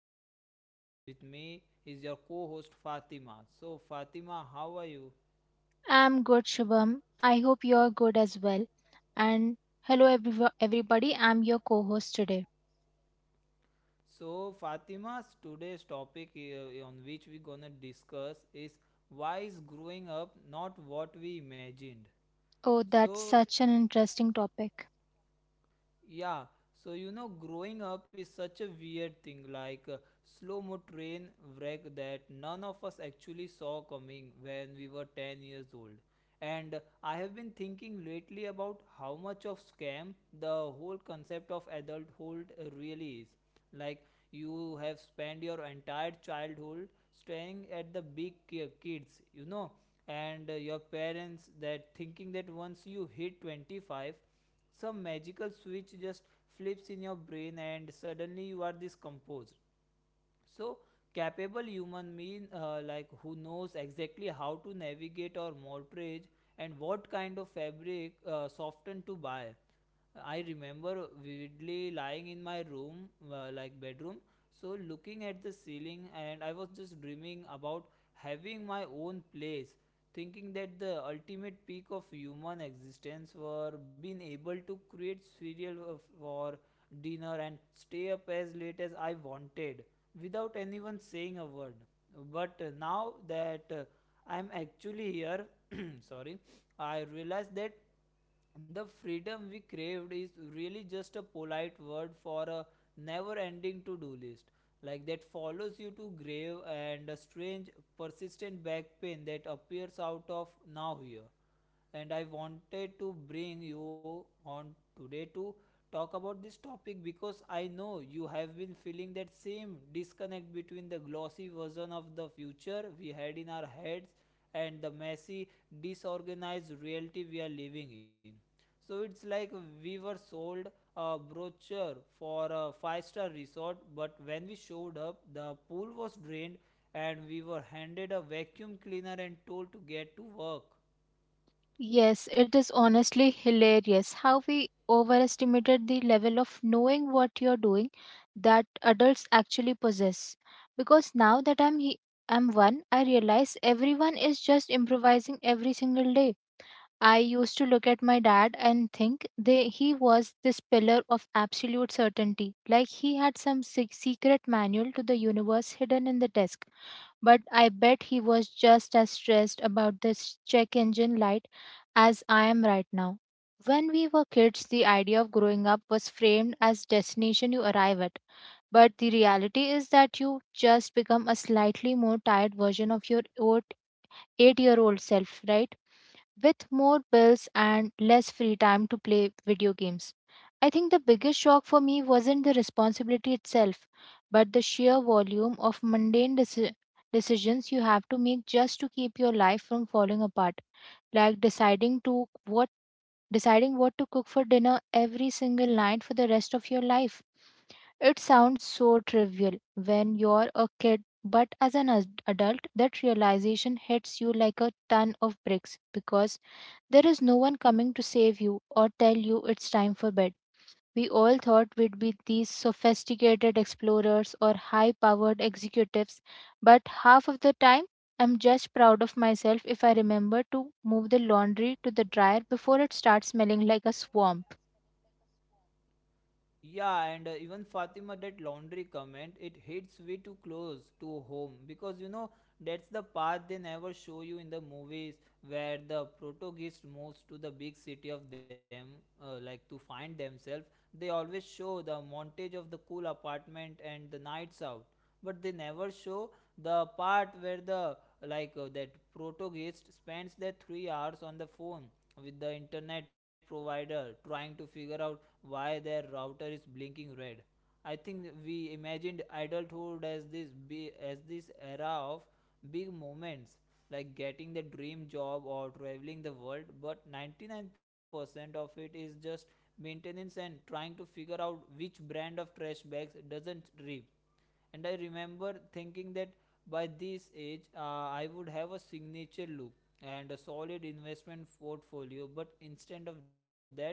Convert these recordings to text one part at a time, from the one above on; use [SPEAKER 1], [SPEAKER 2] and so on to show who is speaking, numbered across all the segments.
[SPEAKER 1] Shubham, and with me is your co host Fatima. So, Fatima, how are you?
[SPEAKER 2] I'm good, Shubham. I hope you're good as well. And hello, everybody. I'm your co host today.
[SPEAKER 1] So, Fatima's today's topic on which we're gonna discuss is, why is growing up not what we imagined?
[SPEAKER 2] Oh, that's
[SPEAKER 1] So,
[SPEAKER 2] such an interesting topic.
[SPEAKER 1] Yeah, Growing up is such a weird thing, like a slow mo train wreck that none of us actually saw coming when we were 10 years old. And I have been thinking lately about how much of scam the whole concept of adulthood really is. Like, you have spent your entire childhood staring at the big kids, you know, and your parents, that thinking that once you hit 25 some magical switch just flips in your brain and suddenly you are this composed, so capable human mean like who knows exactly how to navigate or mortgage and what kind of fabric soften to buy. I remember vividly lying in my room like bedroom, so looking at the ceiling, and I was just dreaming about having my own place, thinking that the ultimate peak of human existence were being able to create cereal for dinner and stay up as late as I wanted without anyone saying a word. But now that I'm actually here, sorry, I realize that the freedom we craved is really just a polite word for a never ending to do list. Like that follows you to grave, and a strange, persistent back pain that appears out of now here. And I wanted to bring you on today to talk about this topic because I know you have been feeling that same disconnect between the glossy version of the future we had in our heads and the messy, disorganized reality we are living in. So it's like we were sold a brochure for a five-star resort, but when we showed up, the pool was drained and we were handed a vacuum cleaner and told to get to work.
[SPEAKER 2] Yes, it is honestly hilarious how we overestimated the level of knowing what you're doing that adults actually possess. Because now that I'm one, I realize everyone is just improvising every single day. I used to look at my dad and think he was this pillar of absolute certainty, like he had some secret manual to the universe hidden in the desk. But I bet he was just as stressed about this check engine light as I am right now. When we were kids, the idea of growing up was framed as destination you arrive at. But the reality is that you just become a slightly more tired version of your old 8-year-old self, right? With more bills and less free time to play video games. I think the biggest shock for me wasn't the responsibility itself, but the sheer volume of mundane decisions you have to make just to keep your life from falling apart, like deciding what to cook for dinner every single night for the rest of your life. It sounds so trivial when you're a kid, but as an adult, that realization hits you like a ton of bricks, because there is no one coming to save you or tell you it's time for bed. We all thought we'd be these sophisticated explorers or high powered executives, but half of the time I'm just proud of myself if I remember to move the laundry to the dryer before it starts smelling like a swarm.
[SPEAKER 1] Yeah, and even Fatima, that laundry comment, it hits way too close to home, because you know that's the path they never show you in the movies, where the protagonist moves to the big city of them, like to find themselves. They always show the montage of the cool apartment and the nights out, but they never show the part where the like that protagonist spends their 3 hours on the phone with the internet provider trying to figure out why their router is blinking red. I think we imagined adulthood as as this era of big moments, like getting the dream job or traveling the world, but 99% of it is just maintenance and trying to figure out which brand of trash bags doesn't rip. And I remember thinking that by this age I would have a signature look and a solid investment portfolio, but instead of that,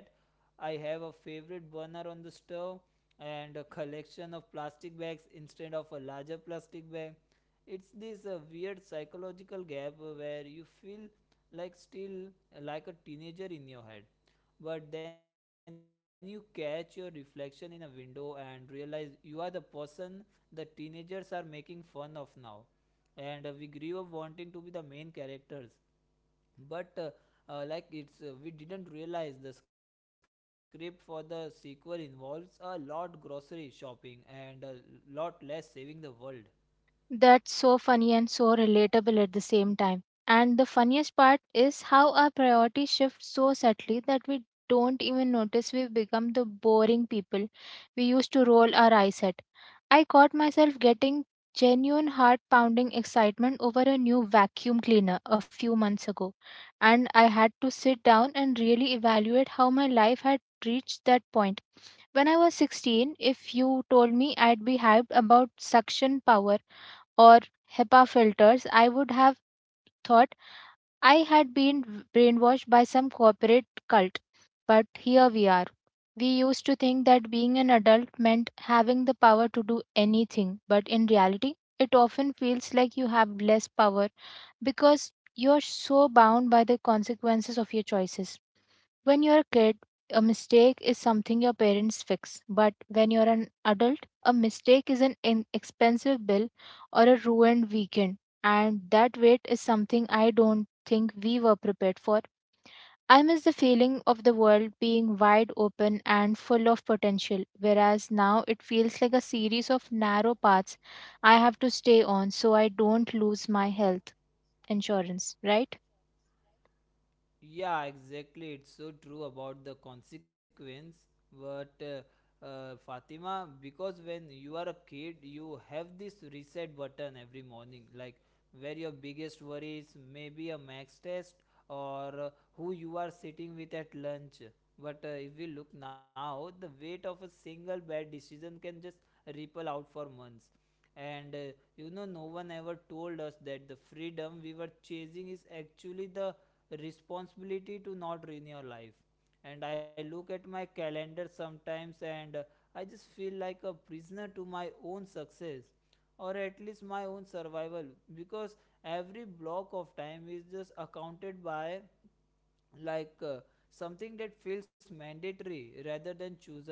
[SPEAKER 1] I have a favorite burner on the stove and a collection of plastic bags instead of a larger plastic bag. It's this weird psychological gap where you feel like still like a teenager in your head, but then you catch your reflection in a window and realize you are the person the teenagers are making fun of now. And we grew up wanting to be the main characters, but like it's we didn't realize the script for the sequel involves a lot grocery shopping and a lot less saving the world.
[SPEAKER 2] That's so funny and so relatable at the same time. And the funniest part is how our priorities shift so subtly that we don't even notice we've become the boring people we used to roll our eyes at. I caught myself getting genuine heart pounding excitement over a new vacuum cleaner a few months ago, and I had to sit down and really evaluate how my life had reached that point. When I was 16, if you told me I'd be hyped about suction power or HEPA filters, I would have thought I had been brainwashed by some corporate cult. But here we are. We used to think that being an adult meant having the power to do anything, but in reality, it often feels like you have less power because you're so bound by the consequences of your choices. When you're a kid, a mistake is something your parents fix. But when you're an adult, a mistake is an inexpensive bill or a ruined weekend. And that weight is something I don't think we were prepared for. I miss the feeling of the world being wide open and full of potential, whereas now it feels like a series of narrow paths I have to stay on so I don't lose my health insurance, right?
[SPEAKER 1] Yeah, exactly. It's so true about the consequence. But Fatima, because when you are a kid, you have this reset button every morning, like where your biggest worry is maybe a max test or who you are sitting with at lunch. But if we look now, the weight of a single bad decision can just ripple out for months. And you know no one ever told us that the freedom we were chasing is actually the responsibility to not ruin your life. And I look at my calendar sometimes, and I just feel like a prisoner to my own success, or at least my own survival, because every block of time is just accounted by like uh, something that feels mandatory rather than chosen.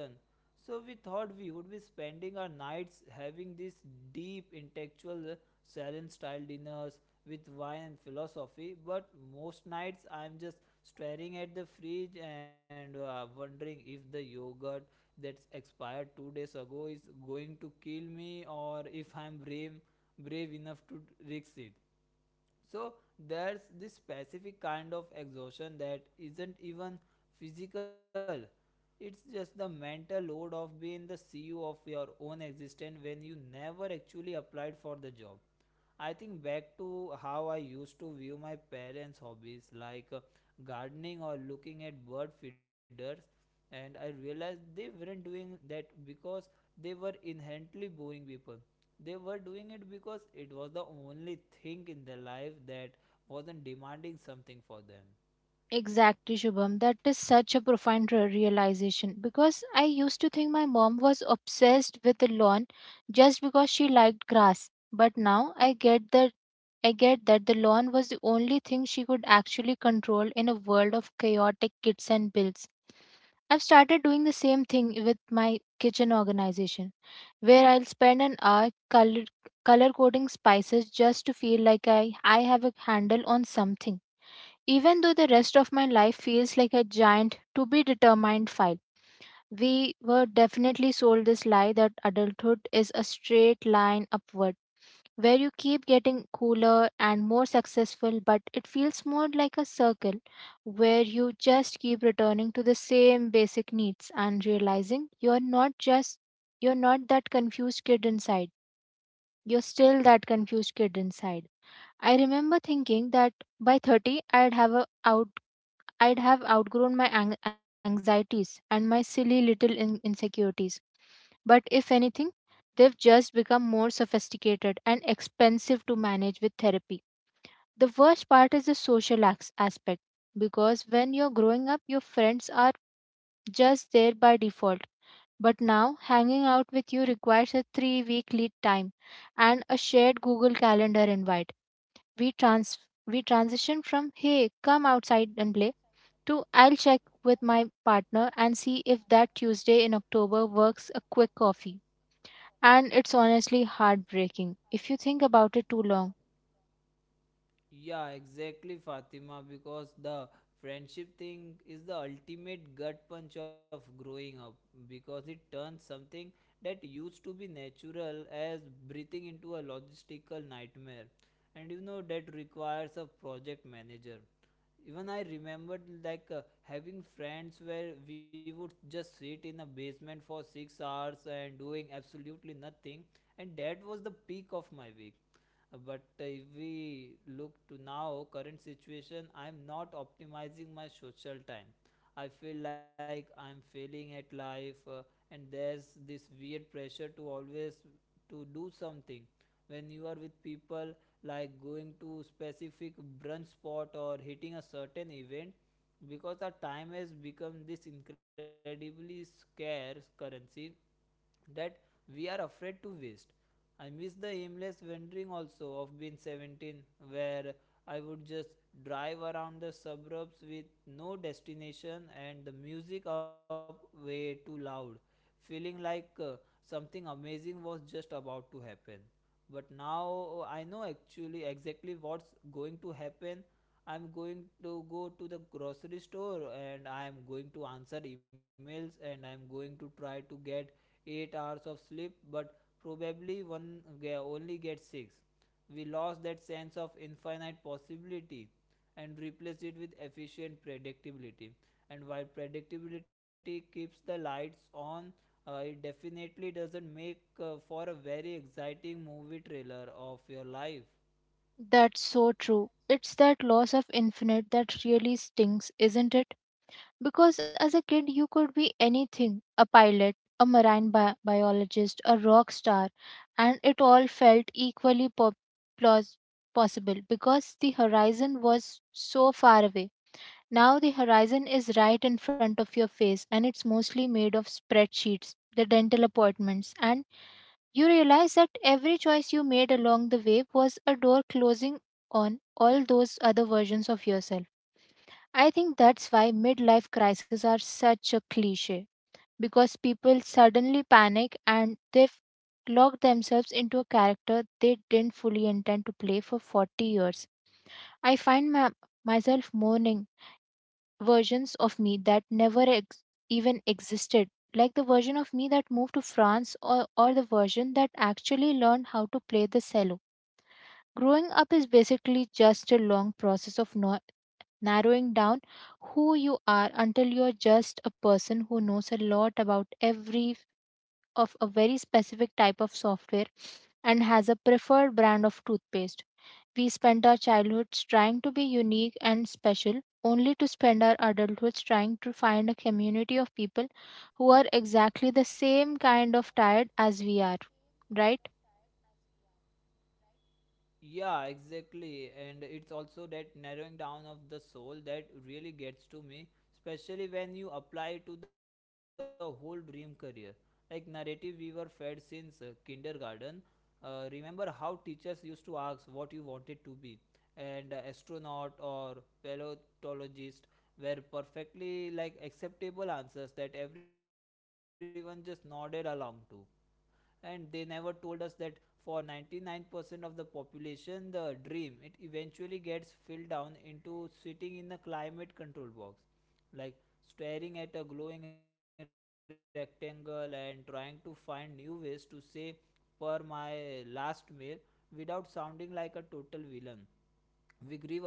[SPEAKER 1] So we thought we would be spending our nights having these deep intellectual salon style dinners with wine and philosophy, but most nights I'm just staring at the fridge and wondering if the yogurt that's expired 2 days ago is going to kill me, or if I'm brave enough to risk it. So there's this specific kind of exhaustion that isn't even physical. It's just the mental load of being the CEO of your own existence when you never actually applied for the job. I think back to how I used to view my parents' hobbies, like gardening or looking at bird feeders, and I realized they weren't doing that because they were inherently boring people. They were doing it because it was the only thing in their life that wasn't demanding something for them.
[SPEAKER 2] Exactly, Shubham. That is such a profound realization, because I used to think my mom was obsessed with the lawn just because she liked grass. But now I get that the lawn was the only thing she could actually control in a world of chaotic kits and bills. I've started doing the same thing with my kitchen organization, where I'll spend an hour color coding spices just to feel like I have a handle on something, even though the rest of my life feels like a giant to be determined file. We were definitely sold this lie that adulthood is a straight line upward, where you keep getting cooler and more successful, but it feels more like a circle where you just keep returning to the same basic needs and realizing you're not that confused kid inside. You're still that confused kid inside. I remember thinking that by 30 I'd have outgrown my anxieties and my silly little insecurities. But if anything, they've just become more sophisticated and expensive to manage with therapy. The worst part is the social aspect, because when you're growing up, your friends are just there by default. But now, hanging out with you requires a 3 week lead time and a shared Google Calendar invite. We, trans- we transition from, "Hey, come outside and play," Two, "I'll check with my partner and see if that Tuesday in October works, a quick coffee." And it's honestly heartbreaking if you think about it too long.
[SPEAKER 1] Yeah, exactly, Fatima, because the friendship thing is the ultimate gut punch of growing up, because it turns something that used to be natural as breathing into a logistical nightmare. And you know, that requires a project manager. Even I remembered having friends where we would just sit in a basement for 6 hours and doing absolutely nothing, and that was the peak of my week. But if we look to now current situation, I'm not optimizing my social time. I feel like I'm failing at life, and there's this weird pressure to always to do something. When you are with people, like going to specific brunch spot or hitting a certain event, because our time has become this incredibly scarce currency that we are afraid to waste. I miss the aimless wandering also of being 17, where I would just drive around the suburbs with no destination and the music up way too loud, feeling like something amazing was just about to happen. But now oh, I know actually exactly what's going to happen. I'm going to go to the grocery store, and I'm going to answer emails, and I'm going to try to get 8 hours of sleep, but probably one only gets 6. We lost that sense of infinite possibility and replaced it with efficient predictability. And while predictability keeps the lights on, it definitely doesn't make for a very exciting movie trailer of your life.
[SPEAKER 2] That's so true. It's that loss of infinite that really stings, isn't it? Because as a kid, you could be anything, a pilot, a marine biologist, a rock star, and it all felt equally plaus- possible because the horizon was so far away. Now the horizon is right in front of your face and it's mostly made of spreadsheets, the dental appointments, and you realize that every choice you made along the way was a door closing on all those other versions of yourself. I think that's why midlife crises are such a cliche, because people suddenly panic and they've locked themselves into a character they didn't fully intend to play for 40 years. I find myself mourning versions of me that never even existed, like the version of me that moved to France, or the version that actually learned how to play the cello. Growing up is basically just a long process of narrowing down who you are until you're just a person who knows a lot about every of a very specific type of software and has a preferred brand of toothpaste. We spent our childhoods trying to be unique and special, only to spend our adulthoods trying to find a community of people who are exactly the same kind of tired as we are. Right?
[SPEAKER 1] Yeah, exactly. And it's also that narrowing down of the soul that really gets to me, especially when you apply to the whole dream career. Like narrative we were fed since kindergarten. Remember how teachers used to ask what you wanted to be, and astronaut or paleontologist were perfectly like acceptable answers that everyone just nodded along to. And they never told us that for 99% of the population the dream it eventually gets filled down into sitting in a climate control box, like staring at a glowing rectangle and trying to find new ways to say, per my last mail, without sounding like a total villain.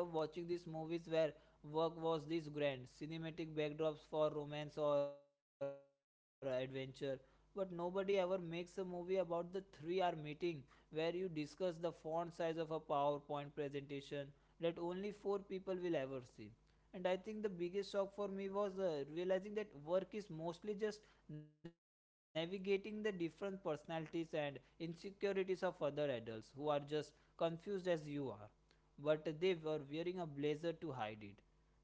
[SPEAKER 1] We grew up watching these movies where work was these grand, cinematic backdrops for romance or adventure. But nobody ever makes a movie about the 3 hour meeting where you discuss the font size of a PowerPoint presentation that only 4 people will ever see. And I think the biggest shock for me was realizing that work is mostly just navigating the different personalities and insecurities of other adults who are just confused as you are, but they were wearing a blazer to hide it.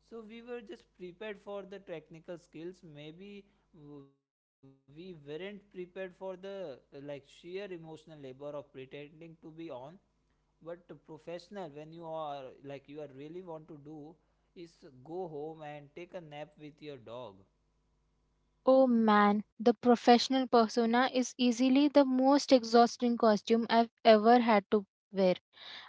[SPEAKER 1] So we were just prepared for the technical skills. Maybe we weren't prepared for the sheer emotional labor of pretending to be on. But professional, when you are like you are really want to do, is go home and take a nap with your dog.
[SPEAKER 2] Oh man, the professional persona is easily the most exhausting costume I've ever had to wear.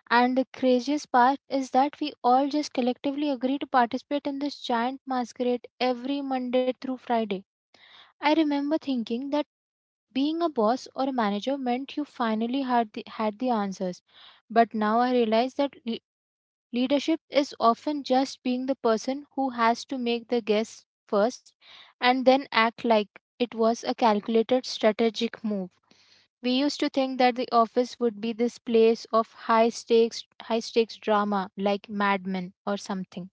[SPEAKER 2] And the craziest part is that we all just collectively agree to participate in this giant masquerade every Monday through Friday. I remember thinking that being a boss or a manager meant you finally had the answers. But now I realize that leadership is often just being the person who has to make the guess first and then act like it was a calculated strategic move. We used to think that the office would be this place of high stakes drama like Mad Men or something.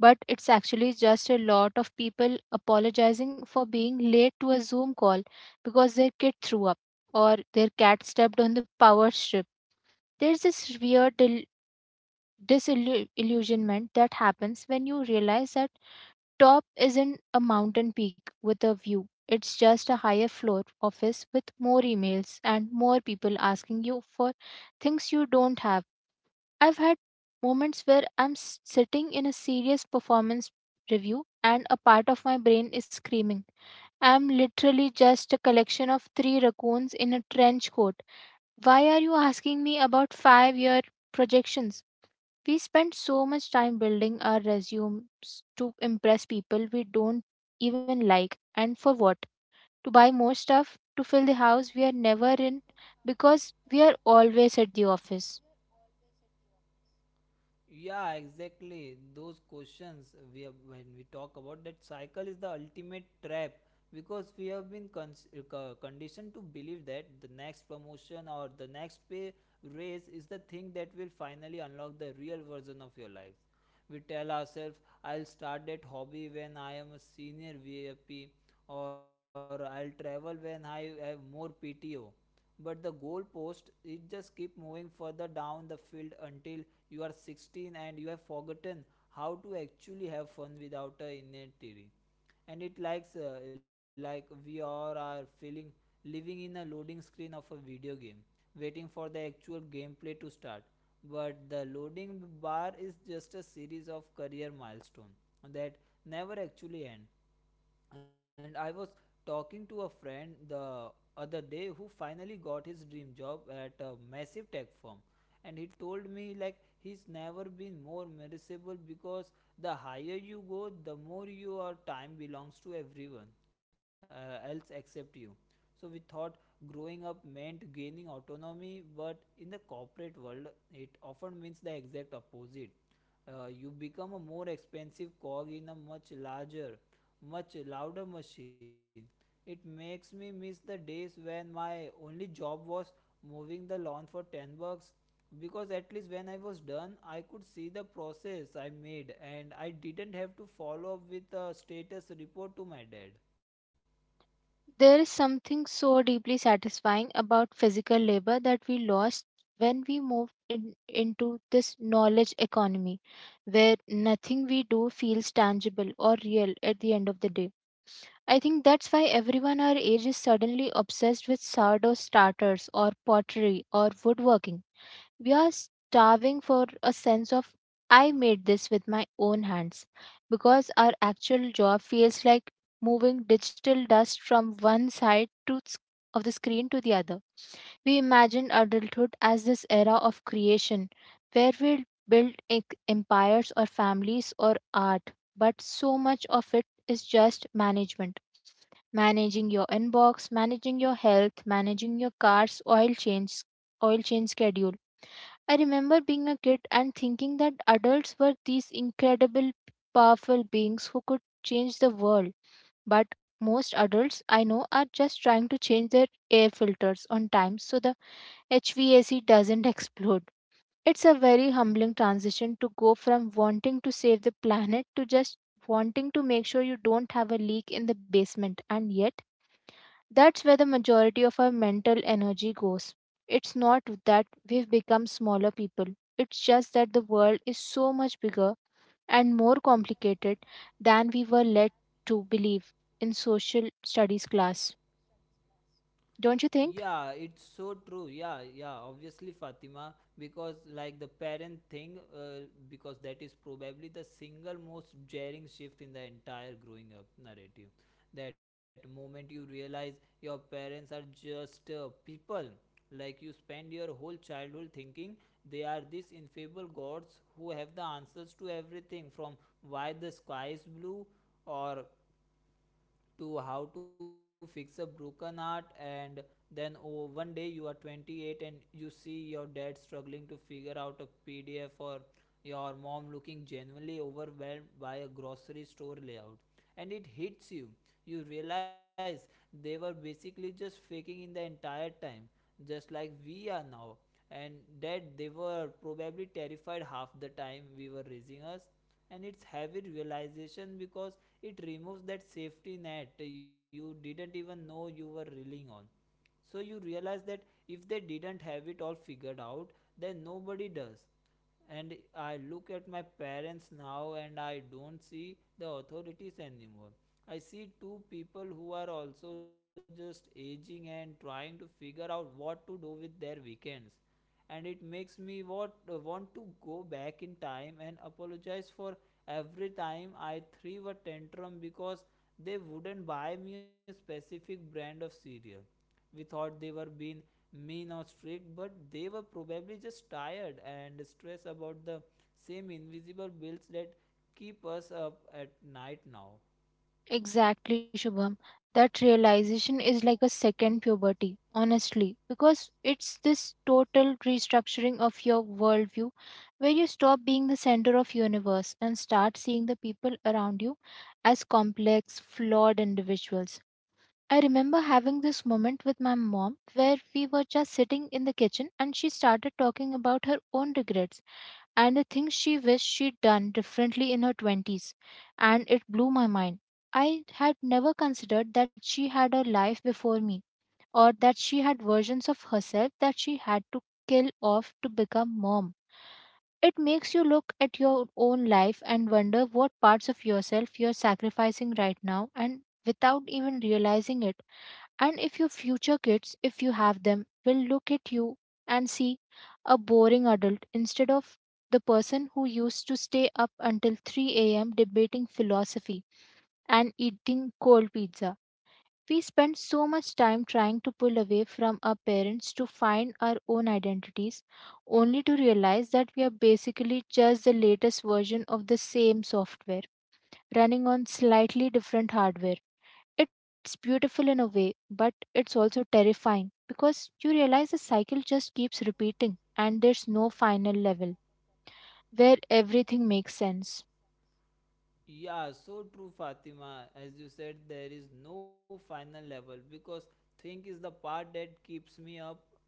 [SPEAKER 2] But it's actually just a lot of people apologizing for being late to a Zoom call because their kid threw up or their cat stepped on the power strip. There's this weird disillusionment that happens when you realize that top isn't a mountain peak with a view. It's just a higher floor office with more emails and more people asking you for things you don't have. I've had moments where sitting in a serious performance review and a part of my brain is screaming, "I'm literally just a collection of three raccoons in a trench coat. Why are you asking me about 5 year projections?" We spend so much time building our resumes to impress people we don't even like. And for what? To buy more stuff, to fill the house we are never in, because we are always at the office.
[SPEAKER 1] Yeah, exactly. Those questions we have, when we talk about that cycle is the ultimate trap, because we have been co- conditioned to believe that the next promotion or the next pay raise is the thing that will finally unlock the real version of your life. We tell ourselves, I'll start that hobby when I am a senior VIP, or I'll travel when I have more PTO, but the goalpost it just keep moving further down the field until you are 16 and you have forgotten how to actually have fun without a inventory. And it likes like we all are feeling living in a loading screen of a video game, waiting for the actual gameplay to start, but the loading bar is just a series of career milestones that never actually end. And I was talking to a friend the other day who finally got his dream job at a massive tech firm, and he told me like he's never been more miserable because the higher you go, the more your time belongs to everyone else except you. So we thought growing up meant gaining autonomy, but in the corporate world, it often means the exact opposite. You become a more expensive cog in a much larger, much louder machine. It makes me miss the days when my only job was mowing the lawn for 10 bucks, because at least when I was done, I could see the process I made and I didn't have to follow up with a status report to my dad.
[SPEAKER 2] There is something so deeply satisfying about physical labor that we lost when we into this knowledge economy, where nothing we do feels tangible or real at the end of the day. I think that's why everyone our age is suddenly obsessed with sourdough starters or pottery or woodworking. We are starving for a sense of, "I made this with my own hands," because our actual job feels like moving digital dust from one side of the screen to the other. We imagine adulthood as this era of creation where we'll build empires or families or art, but so much of it is just management, managing your inbox, managing your health, managing your car's oil change schedule. I remember being a kid and thinking that adults were these incredible powerful beings who could change the world. But most adults I know are just trying to change their air filters on time so the HVAC doesn't explode. It's a very humbling transition to go from wanting to save the planet to just wanting to make sure you don't have a leak in the basement, and yet that's where the majority of our mental energy goes. It's not that we've become smaller people, it's just that the world is so much bigger and more complicated than we were led to believe in social studies class. Don't you
[SPEAKER 1] Yeah,
[SPEAKER 2] think?
[SPEAKER 1] it's so true. Yeah, yeah, obviously, Fatima, because like the parent thing, because that is probably the single most jarring shift in the entire growing up narrative. That moment you realize your parents are just people. Like you spend your whole childhood thinking they are these infallible gods who have the answers to everything, from why the sky is blue or to how to fix a broken heart. And then oh, one day you are 28 and you see your dad struggling to figure out a pdf, or your mom looking genuinely overwhelmed by a grocery store layout, and it hits you. You realize they were basically just faking in the entire time, just like we are now, and that they were probably terrified half the time we were raising us. And it's heavy realization because it removes that safety net you didn't even know you were reeling on. So you realize that if they didn't have it all figured out, then nobody does. And I look at my parents now and I don't see the authorities anymore. I see two people who are also just aging and trying to figure out what to do with their weekends. And it makes me what, want to go back in time and apologize for every time I threw a tantrum because they wouldn't buy me a specific brand of cereal. We thought they were being mean or strict, but they were probably just tired and stressed about the same invisible bills that keep us up at night now.
[SPEAKER 2] Exactly, Shubham. That realization is like a second puberty, honestly, because it's this total restructuring of your worldview where you stop being the center of universe and start seeing the people around you as complex, flawed individuals. I remember having this moment with my mom where we were just sitting in the kitchen and she started talking about her own regrets and the things she wished she'd done differently in her 20s, and it blew my mind. I had never considered that she had a life before me, or that she had versions of herself that she had to kill off to become mom. It makes you look at your own life and wonder what parts of yourself you're sacrificing right now and without even realizing it. And if your future kids, if you have them, will look at you and see a boring adult instead of the person who used to stay up until 3 a.m. debating philosophy and eating cold pizza. We spend so much time trying to pull away from our parents to find our own identities, only to realize that we are basically just the latest version of the same software, running on slightly different hardware. It's beautiful in a way, but it's also terrifying because you realize the cycle just keeps repeating and there's no final level where everything makes sense.
[SPEAKER 1] Yeah, so true, Fatima. As you said, there is no final level because think is the part that keeps me up.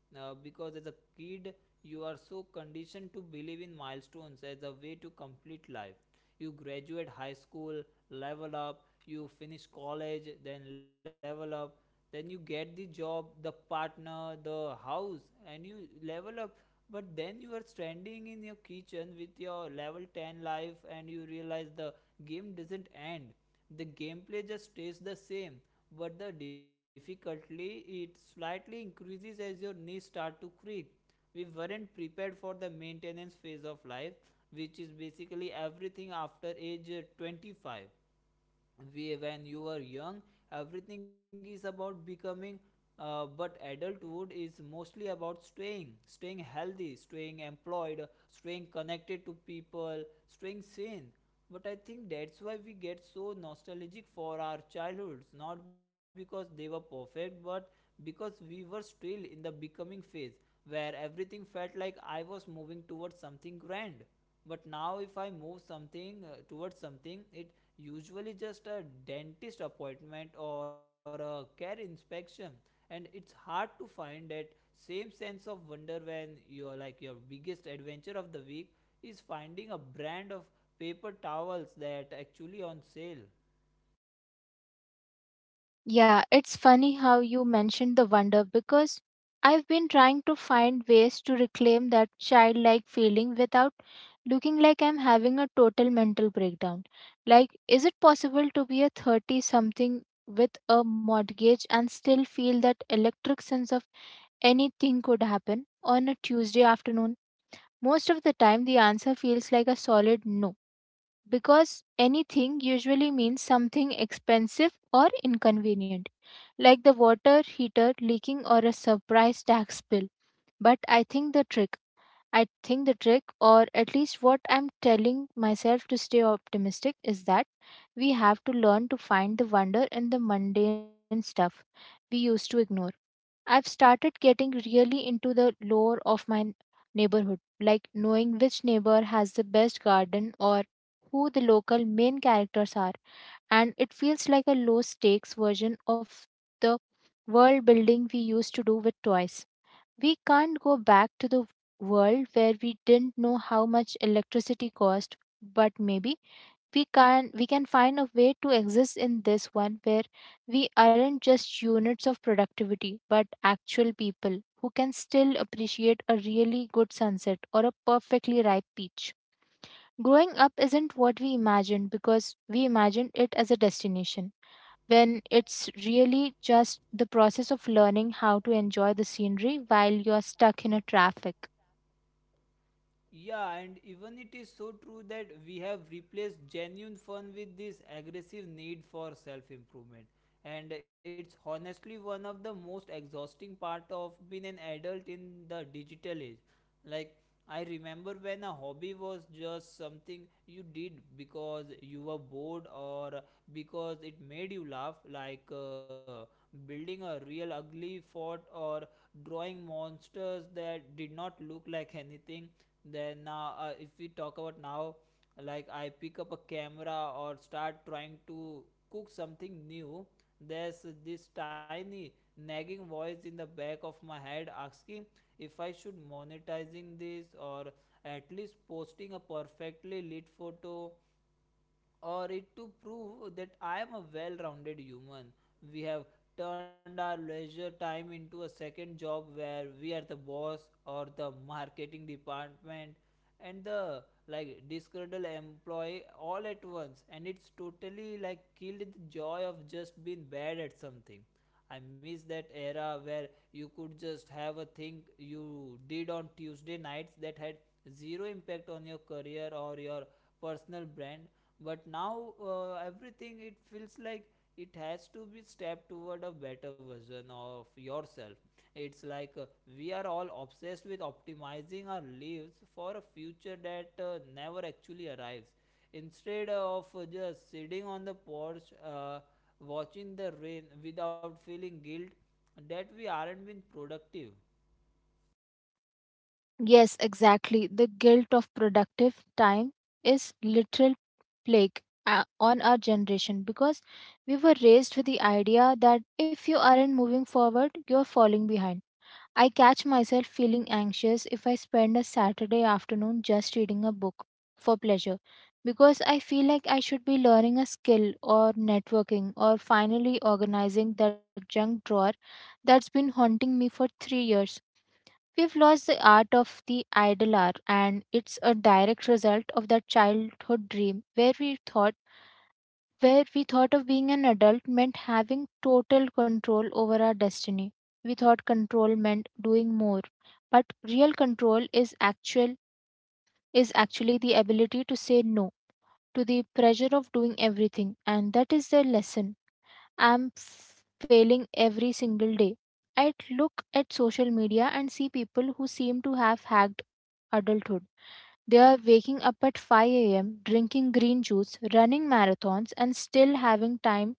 [SPEAKER 1] Because as a kid, you are so conditioned to believe in milestones as a way to complete life. You graduate high school, level up, you finish college, then level up, then you get the job, the partner, the house, and you level up. But then you are standing in your kitchen with your level 10 life and you realize the game doesn't end. The gameplay just stays the same, but the difficulty it slightly increases as your knees start to creak. We weren't prepared for the maintenance phase of life, which is basically everything after age 25. We when you are young, everything is about becoming, but adulthood is mostly about staying, staying healthy, staying employed, staying connected to people, staying sane. But I think that's why we get so nostalgic for our childhoods, not because they were perfect, but because we were still in the becoming phase, where everything felt like I was moving towards something grand. But now if I move something towards something, it usually just a dentist appointment or a care inspection. And it's hard to find that same sense of wonder when you're like your biggest adventure of the week is finding a brand of paper towels that actually on sale.
[SPEAKER 2] Yeah, it's funny how you mentioned the wonder because I've been trying to find ways to reclaim that childlike feeling without looking like I'm having a total mental breakdown. Like, is it possible to be a 30 something with a mortgage and still feel that electric sense of anything could happen on a Tuesday afternoon? Most of the time, the answer feels like a solid no because anything usually means something expensive or inconvenient, like the water heater leaking or a surprise tax bill. But I think the trick, or at least what I'm telling myself to stay optimistic, is that we have to learn to find the wonder in the mundane stuff we used to ignore. I've started getting really into the lore of my neighborhood, like knowing which neighbor has the best garden or who the local main characters are. And it feels like a low stakes version of the world building we used to do with toys. We can't go back to the world where we didn't know how much electricity cost, but maybe we can find a way to exist in this one where we aren't just units of productivity but actual people who can still appreciate a really good sunset or a perfectly ripe peach. Growing up isn't what we imagine because we imagine it as a destination when it's really just the process of learning how to enjoy the scenery while you're stuck in a traffic.
[SPEAKER 1] Yeah, and even it is so true that we have replaced genuine fun with this aggressive need for self improvement. And it's honestly one of the most exhausting part of being an adult in the digital age. Like, I remember when a hobby was just something you did because you were bored or because it made you laugh, like building a real ugly fort or drawing monsters that did not look like anything. Then now if we talk about now, like I pick up a camera or start trying to cook something new, there's this tiny nagging voice in the back of my head asking if I should monetizing this, or at least posting a perfectly lit photo or it to prove that I am a well rounded human. We have turned our leisure time into a second job where we are the boss or the marketing department and the like disgruntled employee all at once, and it's totally like killed the joy of just being bad at something. I miss that era where you could just have a thing you did on tuesday nights that had zero impact on your career or your personal brand. But now everything it feels like it has to be step toward a better version of yourself. It's like we are all obsessed with optimizing our lives for a future that never actually arrives, instead of just sitting on the porch watching the rain without feeling guilt that we aren't being productive.
[SPEAKER 2] Yes, exactly, the guilt of productive time is literal plague on our generation because we were raised with the idea that if you aren't moving forward, you're falling behind. I catch myself feeling anxious if I spend a Saturday afternoon just reading a book for pleasure because I feel like I should be learning a skill or networking or finally organizing that junk drawer that's been haunting me for 3 years. We've lost the art of the idle hour, and it's a direct result of that childhood dream where we thought of being an adult meant having total control over our destiny. We thought control meant doing more, but real control is actually the ability to say no to the pressure of doing everything, and that is the lesson failing every single day. I look at social media and see people who seem to have hacked adulthood. They are waking up at 5 a.m., drinking green juice, running marathons, and still having time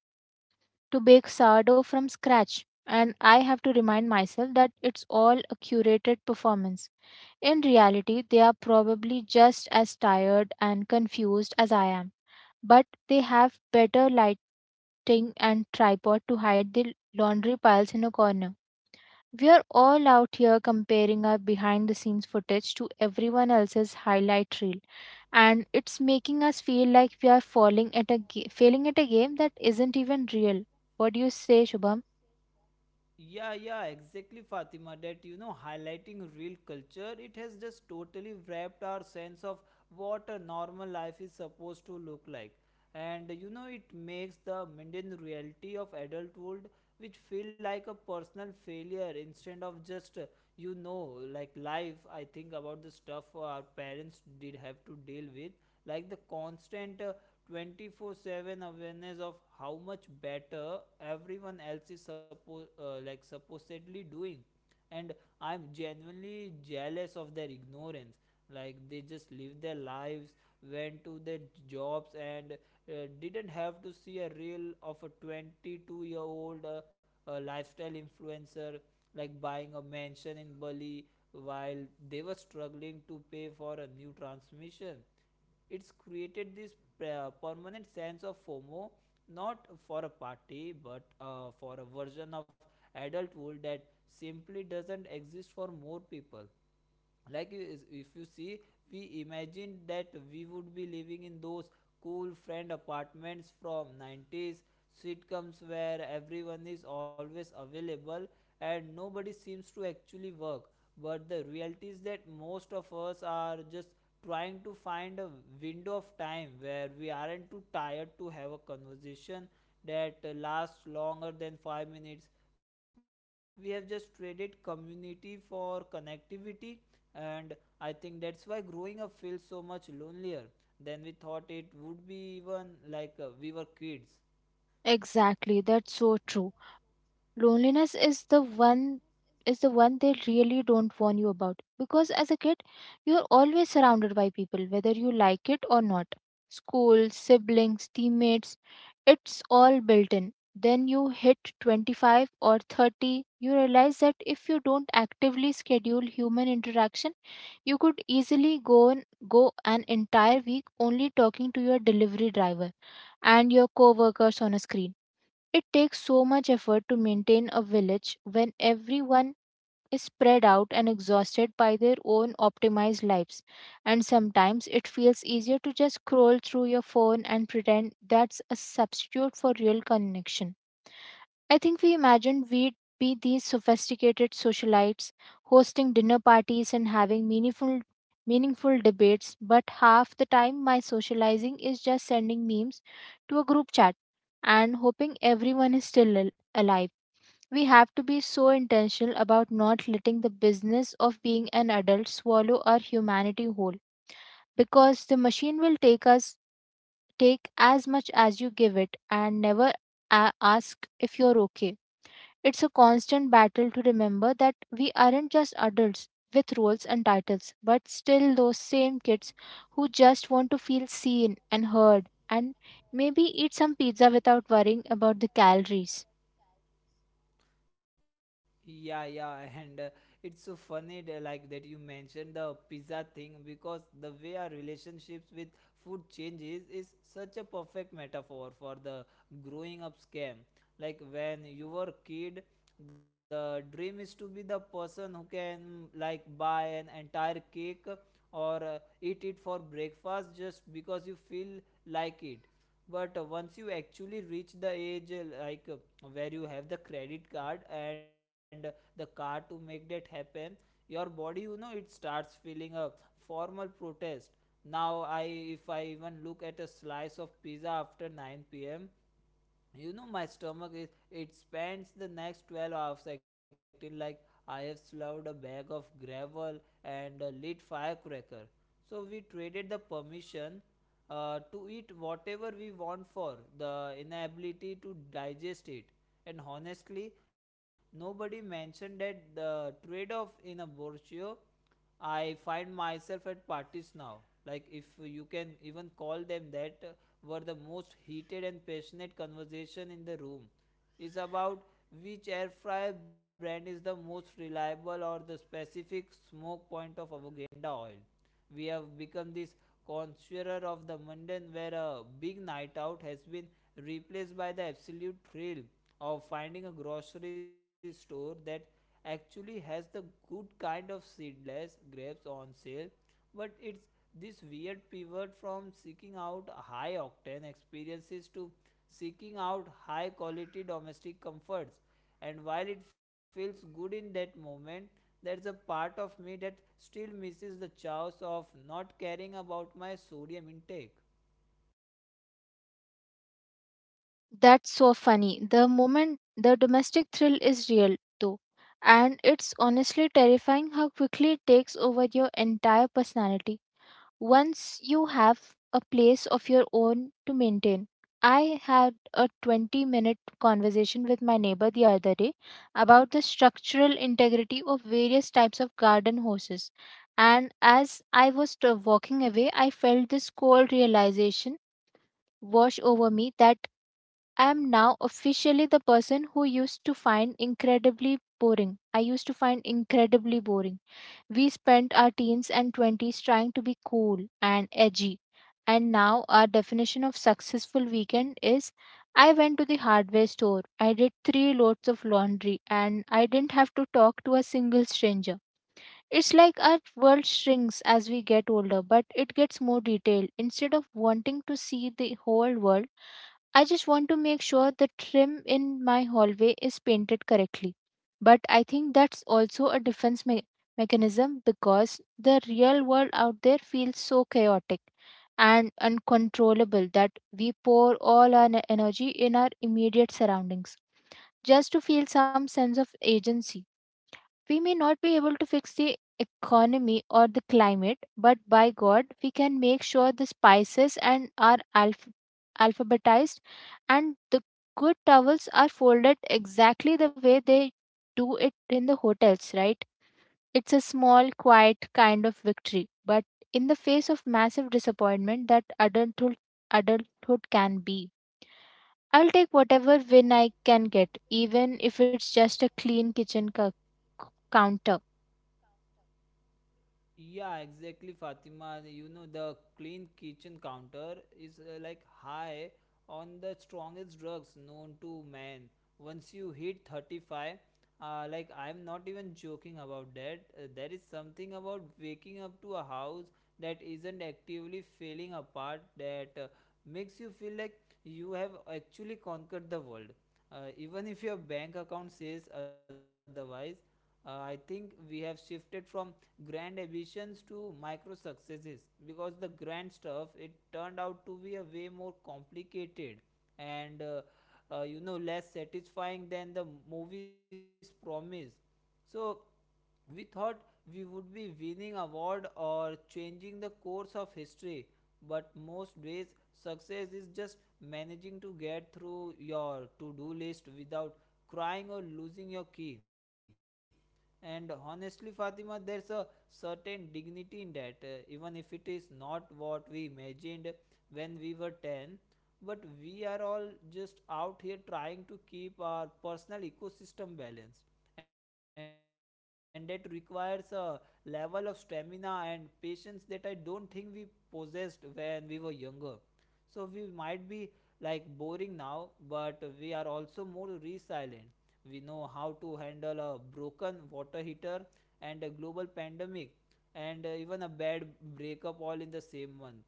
[SPEAKER 2] to bake sourdough from scratch, and I have to remind myself that it's all a curated performance. In reality, they are probably just as tired and confused as I am, but they have better lighting and tripod to hide the laundry piles in a corner. We are all out here comparing our behind the scenes footage to everyone else's highlight reel, and it's making us feel like we are falling at a ga- failing at a game that isn't even real. What do you say, Shubham?
[SPEAKER 1] Yeah, yeah, exactly, Fatima. That you know, highlighting real culture, it has just totally wrapped our sense of what a normal life is supposed to look like. And you know, it makes the mundane reality of adulthood, which feel like a personal failure instead of just you know, like life. I think about the stuff our parents did have to deal with, like the constant 24/7 awareness of how much better everyone else is supposed like supposedly doing. And I'm genuinely jealous of their ignorance. Like they just live their lives, went to their jobs and didn't have to see a reel of a 22-year-old year old lifestyle influencer like buying a mansion in Bali while they were struggling to pay for a new transmission. It's created this permanent sense of FOMO, not for a party, but for a version of adulthood that simply doesn't exist for more people. Like if you see, we imagined that we would be living in those cool friend apartments from 90s sitcoms, where everyone is always available and nobody seems to actually work. But the reality is that most of us are just trying to find a window of time where we aren't too tired to have a conversation that lasts longer than 5 minutes. We have just traded community for connectivity, and I think that's why growing up feels so much lonelier than we thought it would be, even like we were kids.
[SPEAKER 2] Exactly, that's so true. Loneliness is the one they really don't warn you about because as a kid you're always surrounded by people whether you like it or not. School, siblings, teammates, it's all built in. Then you hit 25 or 30, you realize that if you don't actively schedule human interaction, you could easily go an entire week only talking to your delivery driver and your coworkers on a screen. It takes so much effort to maintain a village when everyone is spread out and exhausted by their own optimized lives. And sometimes it feels easier to just scroll through your phone and pretend that's a substitute for real connection. I think we imagined we'd be these sophisticated socialites hosting dinner parties and having meaningful debates, but half the time my socializing is just sending memes to a group chat and hoping everyone is still alive. We have to be so intentional about not letting the business of being an adult swallow our humanity whole because the machine will take as much as you give it and never ask if you're okay. It's a constant battle to remember that we aren't just adults with roles and titles, but still those same kids who just want to feel seen and heard and maybe eat some pizza without worrying about the calories.
[SPEAKER 1] Yeah, yeah, and it's so funny like that you mentioned the pizza thing, because the way our relationships with food changes is such a perfect metaphor for the growing up scam. Like when you were a kid, the dream is to be the person who can like buy an entire cake, or eat it for breakfast just because you feel like it. But once you actually reach the age where you have the credit card and the card to make that happen, your body, you know, it starts feeling a formal protest. Now I if I even look at a slice of pizza after 9 p.m., you know my stomach is it spends the next 12 hours acting like I have swallowed a bag of gravel and a lit firecracker. So we traded the permission to eat whatever we want for the inability to digest it. And honestly, nobody mentioned that the trade-off in a brochure. I find myself at parties now. Like, if you can even call them that, were the most heated and passionate conversation in the room is about which air fryer brand is the most reliable or the specific smoke point of avoganda oil. We have become this conjurer of the mundane, where a big night out has been replaced by the absolute thrill of finding a grocery store that actually has the good kind of seedless grapes on sale. But it's this weird pivot from seeking out high octane experiences to seeking out high quality domestic comforts. And while it feels good in that moment, there's a part of me that still misses the chaos of not caring about my sodium intake.
[SPEAKER 2] That's so funny. The moment the domestic thrill is real, though, and it's honestly terrifying how quickly it takes over your entire personality once you have a place of your own to maintain. I had a 20-minute conversation with my neighbor the other day about the structural integrity of various types of garden hoses. And as I was walking away, I felt this cold realization wash over me that I am now officially the person who used to find incredibly boring. I used to find incredibly boring. We spent our teens and 20s trying to be cool and edgy, and now our definition of successful weekend is I went to the hardware store, I did three loads of laundry, and I didn't have to talk to a single stranger. It's like our world shrinks as we get older, but it gets more detailed. Instead of wanting to see the whole world, I just want to make sure the trim in my hallway is painted correctly. But I think that's also a mechanism because the real world out there feels so chaotic and uncontrollable that we pour all our energy in our immediate surroundings just to feel some sense of agency. We may not be able to fix the economy or the climate, but by God, we can make sure the spices and are alphabetized and the good towels are folded exactly the way they do it in the hotels, right? It's a small, quiet kind of victory, but in the face of massive disappointment that adulthood can be. I'll take whatever win I can get, even if it's just a clean kitchen counter.
[SPEAKER 1] Yeah, exactly, Fatima. You know, the clean kitchen counter is like high on the strongest drugs known to man. Once you hit 35, like I'm not even joking about that. There is something about waking up to a house that isn't actively falling apart that makes you feel like you have actually conquered the world. Even if your bank account says otherwise, I think we have shifted from grand ambitions to micro successes because the grand stuff it turned out to be a way more complicated and less satisfying than the movies promise, so we thought we would be winning award or changing the course of history, but most days success is just managing to get through your to do list without crying or losing your key. And honestly, Fatima, there's a certain dignity in that, even if it is not what we imagined when we were 10. But we are all just out here trying to keep our personal ecosystem balanced, and that requires a level of stamina and patience that I don't think we possessed when we were younger. So we might be like boring now, but we are also more resilient. We know how to handle a broken water heater and a global pandemic and even a bad breakup all in the same month,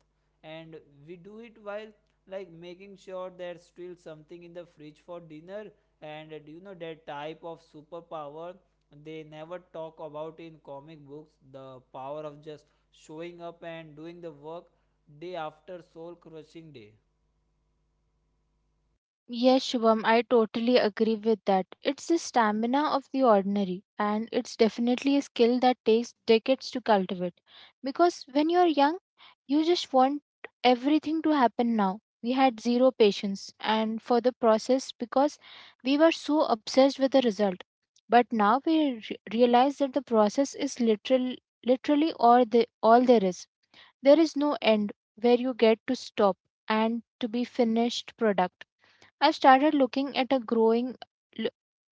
[SPEAKER 1] and we do it while like making sure there's still something in the fridge for dinner. And that type of superpower they never talk about in comic books, the power of just showing up and doing the work day after soul crushing day.
[SPEAKER 2] Yes, Shubham, I totally agree with that. It's the stamina of the ordinary, and it's definitely a skill that takes decades to cultivate. Because when you're young, you just want everything to happen now. We had zero patience and for the process because we were so obsessed with the result. But now we realize that the process is literally all, all there is. There is no end where you get to stop and to be finished product. I started loo-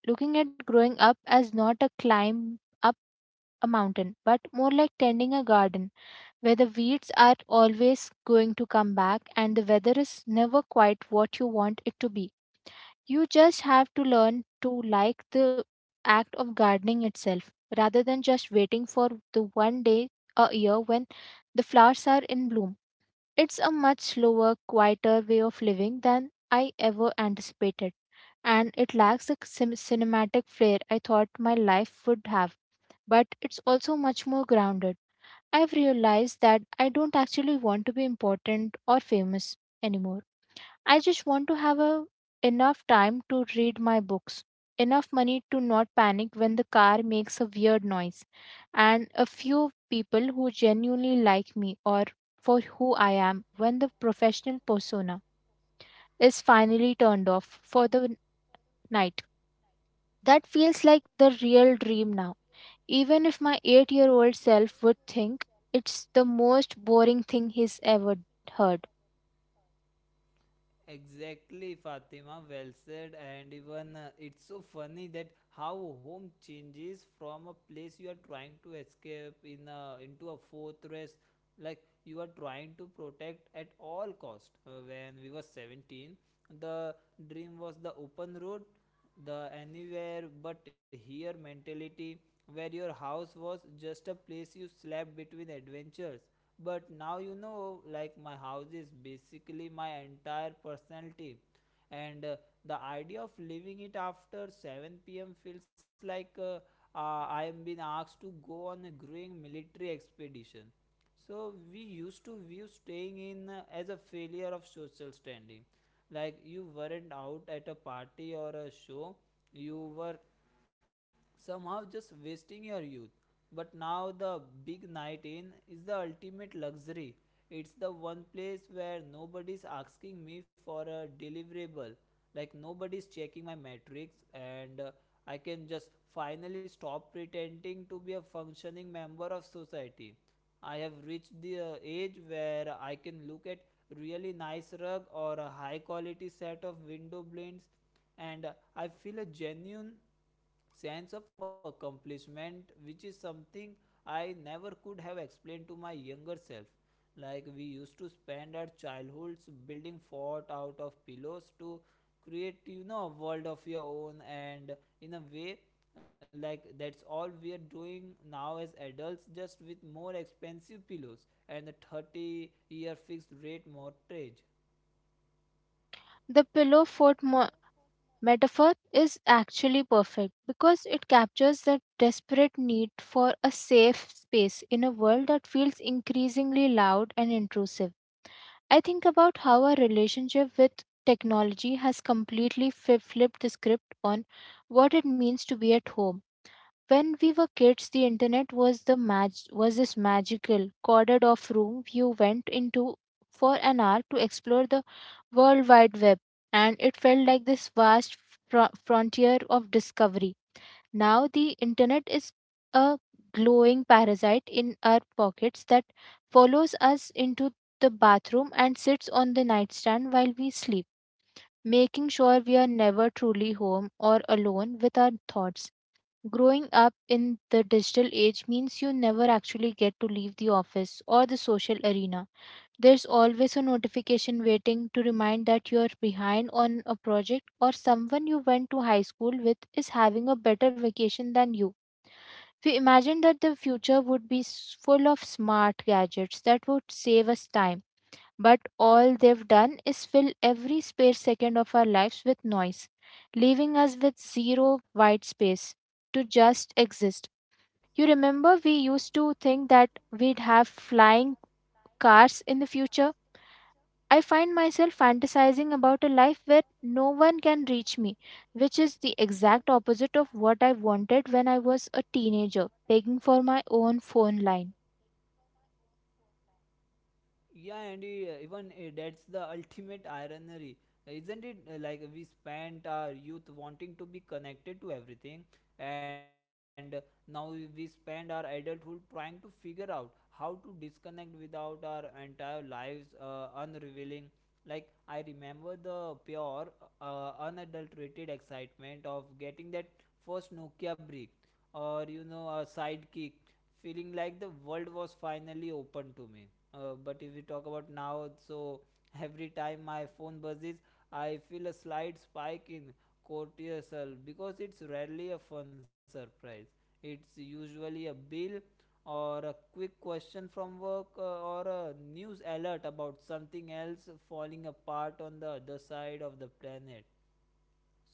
[SPEAKER 2] looking at growing up as not a climb up a mountain, but more like tending a garden where the weeds are always going to come back and the weather is never quite what you want it to be. You just have to learn to like the act of gardening itself rather than just waiting for the one day a year when the flowers are in bloom. It's a much slower, quieter way of living than I ever anticipated and it lacks the cinematic flair I thought my life would have, but it's also much more grounded. I've realized that I don't actually want to be important or famous anymore. I just want to have a, enough time to read my books, enough money to not panic when the car makes a weird noise, and a few people who genuinely like me or for who I am when the professional persona is finally turned off for the night. That feels like the real dream now. Even if my 8-year-old self would think it's the most boring thing he's ever heard.
[SPEAKER 1] Exactly, Fatima. Well said. And even it's so funny that how home changes from a place you are trying to escape in a, into a fortress, like you are trying to protect at all cost. When we were 17, the dream was the open road, the anywhere but here mentality, where your house was just a place you slept between adventures. But now, you know, like my house is basically my entire personality, and the idea of leaving it after 7 p.m. feels like I am being asked to go on a growing military expedition. So we used to view staying in as a failure of social standing, like you weren't out at a party or a show, you were somehow just wasting your youth. But now the big night in is the ultimate luxury, it's the one place where nobody's asking me for a deliverable, like nobody's checking my metrics. And I can just finally stop pretending to be a functioning member of society. I have reached the age where I can look at really nice rug or a high quality set of window blinds, and I feel a genuine sense of accomplishment, which is something I never could have explained to my younger self. Like we used to spend our childhoods building fort out of pillows to create, you know, a world of your own. And in a way, like that's all we are doing now as adults, just with more expensive pillows and a 30-year fixed rate mortgage.
[SPEAKER 2] The pillow fort metaphor is actually perfect because it captures the desperate need for a safe space in a world that feels increasingly loud and intrusive. I think about how our relationship with technology has completely flipped the script on what it means to be at home. When we were kids, the internet was this magical corded off room you went into for an hour to explore the world wide web, and it felt like this vast frontier of discovery. Now the internet is a glowing parasite in our pockets that follows us into the bathroom and sits on the nightstand while we sleep, making sure we are never truly home or alone with our thoughts. Growing up in the digital age means you never actually get to leave the office or the social arena. There's always a notification waiting to remind that you're behind on a project or someone you went to high school with is having a better vacation than you. We imagined that the future would be full of smart gadgets that would save us time, but all they've done is fill every spare second of our lives with noise, leaving us with zero white space to just exist. You remember we used to think that we'd have flying cars in the future? I find myself fantasizing about a life where no one can reach me, which is the exact opposite of what I wanted when I was a teenager, begging for my own phone line.
[SPEAKER 1] Yeah, Andy, even that's the ultimate irony. Isn't it, like we spent our youth wanting to be connected to everything, and now we spend our adulthood trying to figure out how to disconnect without our entire lives unrevealing? Like, I remember the pure, unadulterated excitement of getting that first Nokia brick, or you know, a sidekick, feeling like the world was finally open to me. But if we talk about now, so every time my phone buzzes, I feel a slight spike in cortisol because it's rarely a fun surprise. It's usually a bill or a quick question from work, or a news alert about something else falling apart on the other side of the planet.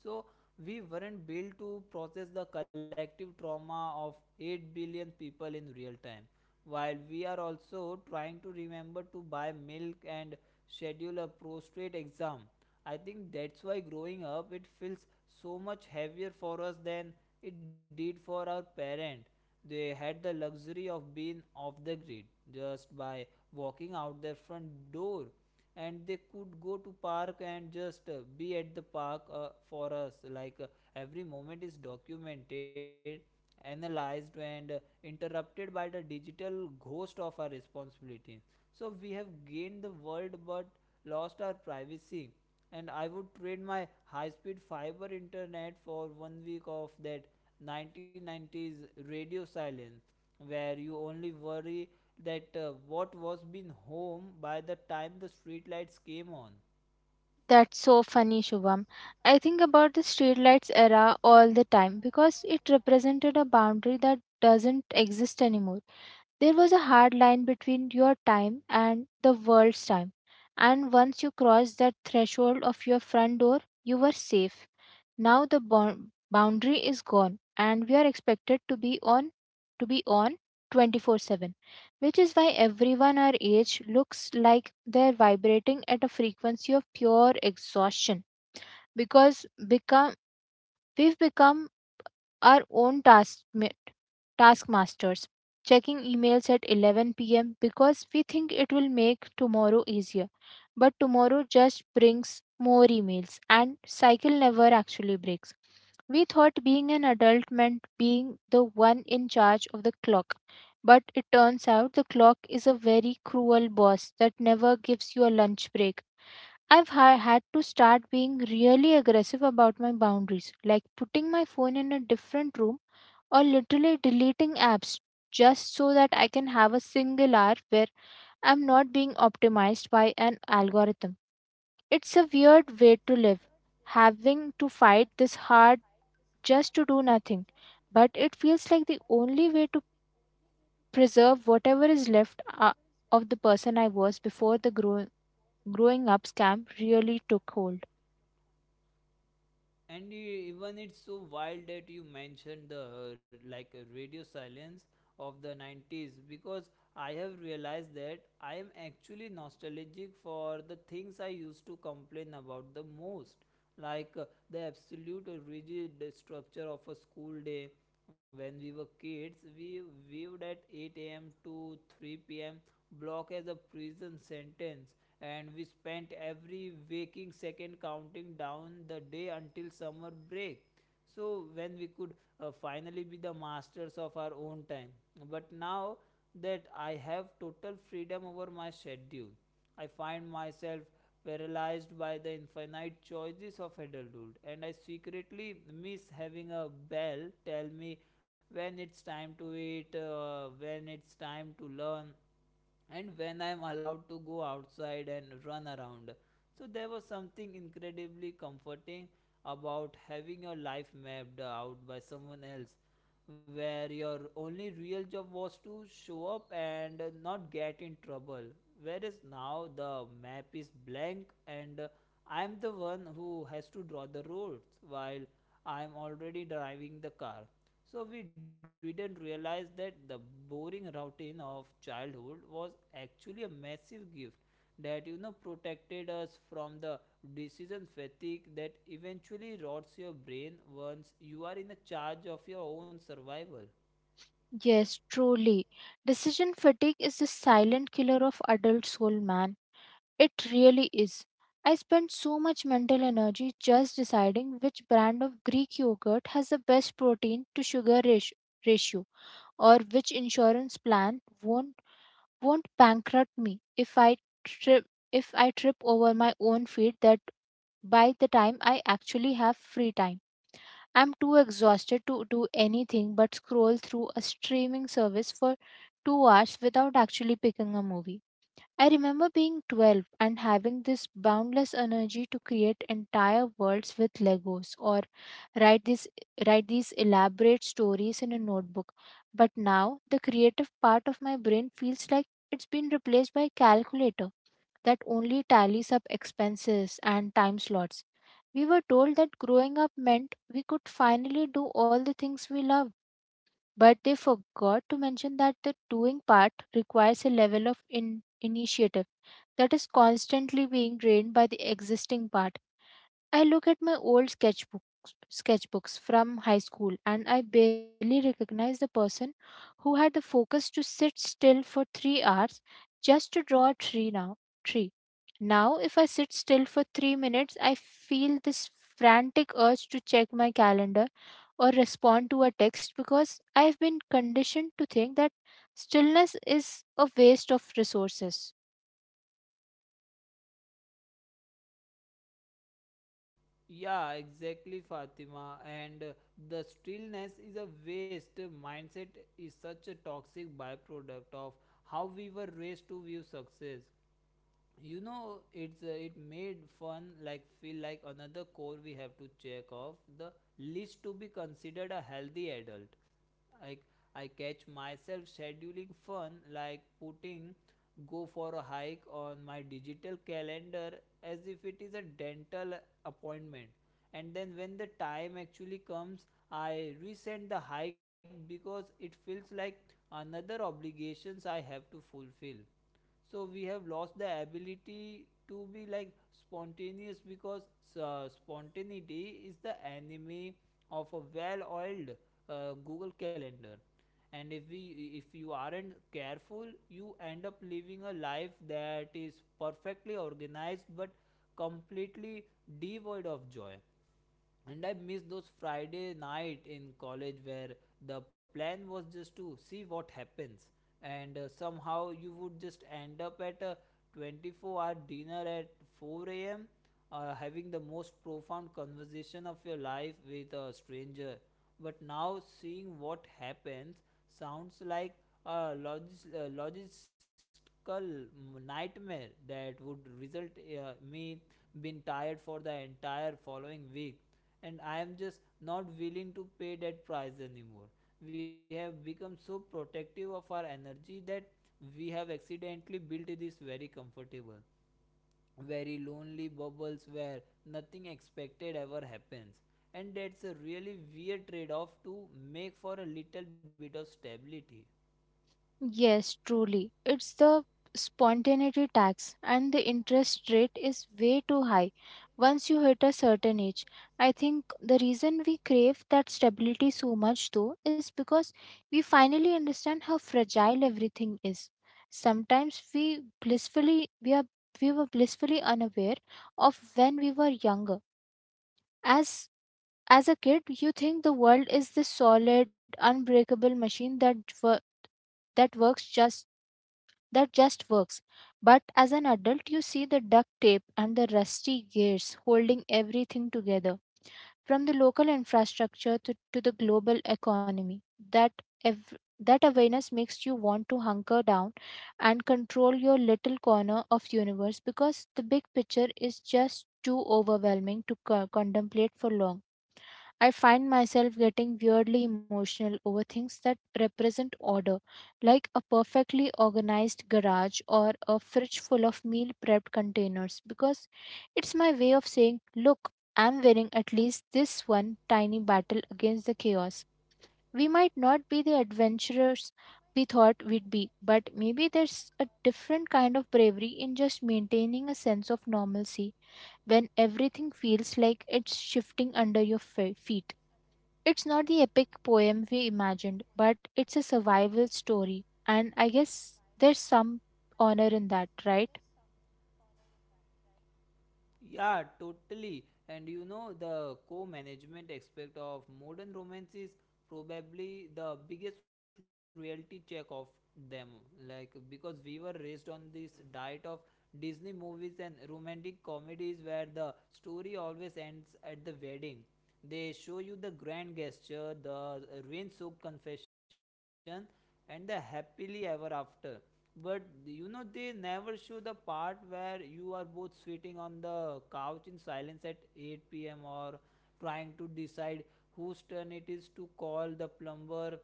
[SPEAKER 1] So we weren't built to process the collective trauma of 8 billion people in real time, while we are also trying to remember to buy milk and schedule a prostate exam. I think that's why growing up it feels so much heavier for us than it did for our parents. They had the luxury of being off the grid just by walking out their front door, and they could go to park and just be at the park. For us, like, every moment is documented, analyzed, and interrupted by the digital ghost of our responsibility. So we have gained the world but lost our privacy, and I would trade my high speed fiber internet for one week of that 1990s radio silence, where you only worry that what was been home by the time the streetlights came on.
[SPEAKER 2] That's so funny, Shubham. I think about the streetlights era all the time because it represented a boundary that doesn't exist anymore. There was a hard line between your time and the world's time, and once you crossed that threshold of your front door, you were safe. Now the boundary is gone, and we are expected to be on 24/7, which is why everyone our age looks like they're vibrating at a frequency of pure exhaustion, because become we've become our own taskmasters, checking emails at 11 p.m. because we think it will make tomorrow easier. But tomorrow just brings more emails, and cycle never actually breaks. We thought being an adult meant being the one in charge of the clock, but it turns out the clock is a very cruel boss that never gives you a lunch break. I've had to start being really aggressive about my boundaries, like putting my phone in a different room or literally deleting apps, just so that I can have a single hour where I'm not being optimized by an algorithm. It's a weird way to live, having to fight this hard just to do nothing, but it feels like the only way to preserve whatever is left of the person I was before the growing up scam really took hold.
[SPEAKER 1] Even it's so wild that you mentioned the radio silence of the 90s, because I have realized that I am actually nostalgic for the things I used to complain about the most. like uh, the absolute rigid structure of a school day. When we were kids, we viewed at 8 a.m to 3 p.m block as a prison sentence, and we spent every waking second counting down the day until summer break. So, when we could finally be the masters of our own time. But now that I have total freedom over my schedule, I find myself paralyzed by the infinite choices of adulthood, and I secretly miss having a bell tell me when it's time to eat, when it's time to learn, and when I am allowed to go outside and run around. So there was something incredibly comforting about having your life mapped out by someone else, where your only real job was to show up and not get in trouble. Whereas now the map is blank, and I am the one who has to draw the roads, while I'm already driving the car. So we didn't realize that the boring routine of childhood was actually a massive gift that, you know, protected us from the decision fatigue that eventually rots your brain once you are in the charge of your own survival.
[SPEAKER 2] Yes, truly. Decision fatigue is the silent killer of adult soul, man. It really is. I spend so much mental energy just deciding which brand of Greek yogurt has the best protein to sugar ratio, or which insurance plan won't bankrupt me trip if I trip over my own feet, that by the time I actually have free time, I'm too exhausted to do anything but scroll through a streaming service for 2 hours without actually picking a movie. I remember being 12 and having this boundless energy to create entire worlds with Legos or write these, write these elaborate stories in a notebook. But now the creative part of my brain feels like it's been replaced by calculator that only tallies up expenses and time slots. We were told that growing up meant we could finally do all the things we love, but they forgot to mention that the doing part requires a level of initiative that is constantly being drained by the existing part. I look at my old sketchbooks from high school, and I barely recognize the person who had the focus to sit still for 3 hours just to draw a tree. Now, if I sit still for 3 minutes, I feel this frantic urge to check my calendar or respond to a text, because I've been conditioned to think that stillness is a waste of resources.
[SPEAKER 1] Yeah, exactly, Fatima. And the stillness is a waste. Mindset is such a toxic byproduct of how we were raised to view success. You know, it made fun like feel like another core we have to check off the list to be considered a healthy adult. Like I catch myself scheduling fun, like putting go for a hike on my digital calendar as if it is a dental appointment. And then when the time actually comes, I resent the hike because it feels like another obligations I have to fulfill. So we have lost the ability to be like spontaneous, because spontaneity is the enemy of a well-oiled google calendar. And if you aren't careful, you end up living a life that is perfectly organized but completely devoid of joy. And I miss those Friday night in college, where the plan was just to see what happens, and somehow you would just end up at a 24-hour dinner at 4 a.m. Having the most profound conversation of your life with a stranger. But now seeing what happens sounds like a logistical nightmare that would result me being tired for the entire following week, and I am just not willing to pay that price anymore. We have become so protective of our energy that we have accidentally built this very comfortable, very lonely bubbles where nothing expected ever happens. And that's a really weird trade off to make for a little bit of stability.
[SPEAKER 2] Yes, truly. It's the spontaneity tax, and the interest rate is way too high once you hit a certain age. I think the reason we crave that stability so much, though, is because we finally understand how fragile everything is. Sometimes we were blissfully unaware of when we were younger. As as a kid, you think the world is this solid, unbreakable machine that wo- that works just that just works. But as an adult, you see the duct tape and the rusty gears holding everything together, from the local infrastructure to the global economy. That ev- that awareness makes you want to hunker down and control your little corner of universe, because the big picture is just too overwhelming to contemplate for long. I find myself getting weirdly emotional over things that represent order, like a perfectly organized garage or a fridge full of meal prepped containers, because it's my way of saying, "Look, I'm winning at least this one tiny battle against the chaos." We might not be the adventurers we thought we'd be, but maybe there's a different kind of bravery in just maintaining a sense of normalcy when everything feels like it's shifting under your feet. It's not the epic poem we imagined, but it's a survival story. And I guess there's some honor in that, right?
[SPEAKER 1] Yeah, totally. And you know, the co management aspect of modern romance is probably the biggest reality check of them. Like, because we were raised on this diet of Disney movies and romantic comedies where the story always ends at the wedding. They show you the grand gesture, the rain soaked confession, and the happily ever after. But you know, they never show the part where you are both sitting on the couch in silence at 8 p.m. or trying to decide whose turn it is to call the plumber,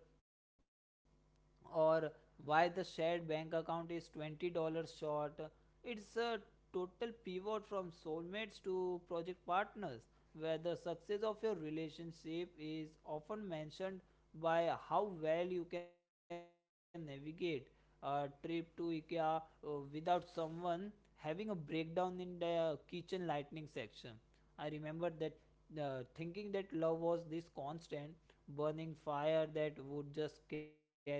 [SPEAKER 1] or why the shared bank account is $20 short. It's a total pivot from soulmates to project partners, where the success of your relationship is often mentioned by how well you can navigate a trip to IKEA, uh, without someone having a breakdown in the kitchen lightning section. I remember that, thinking that love was this constant burning fire that would just carry itself.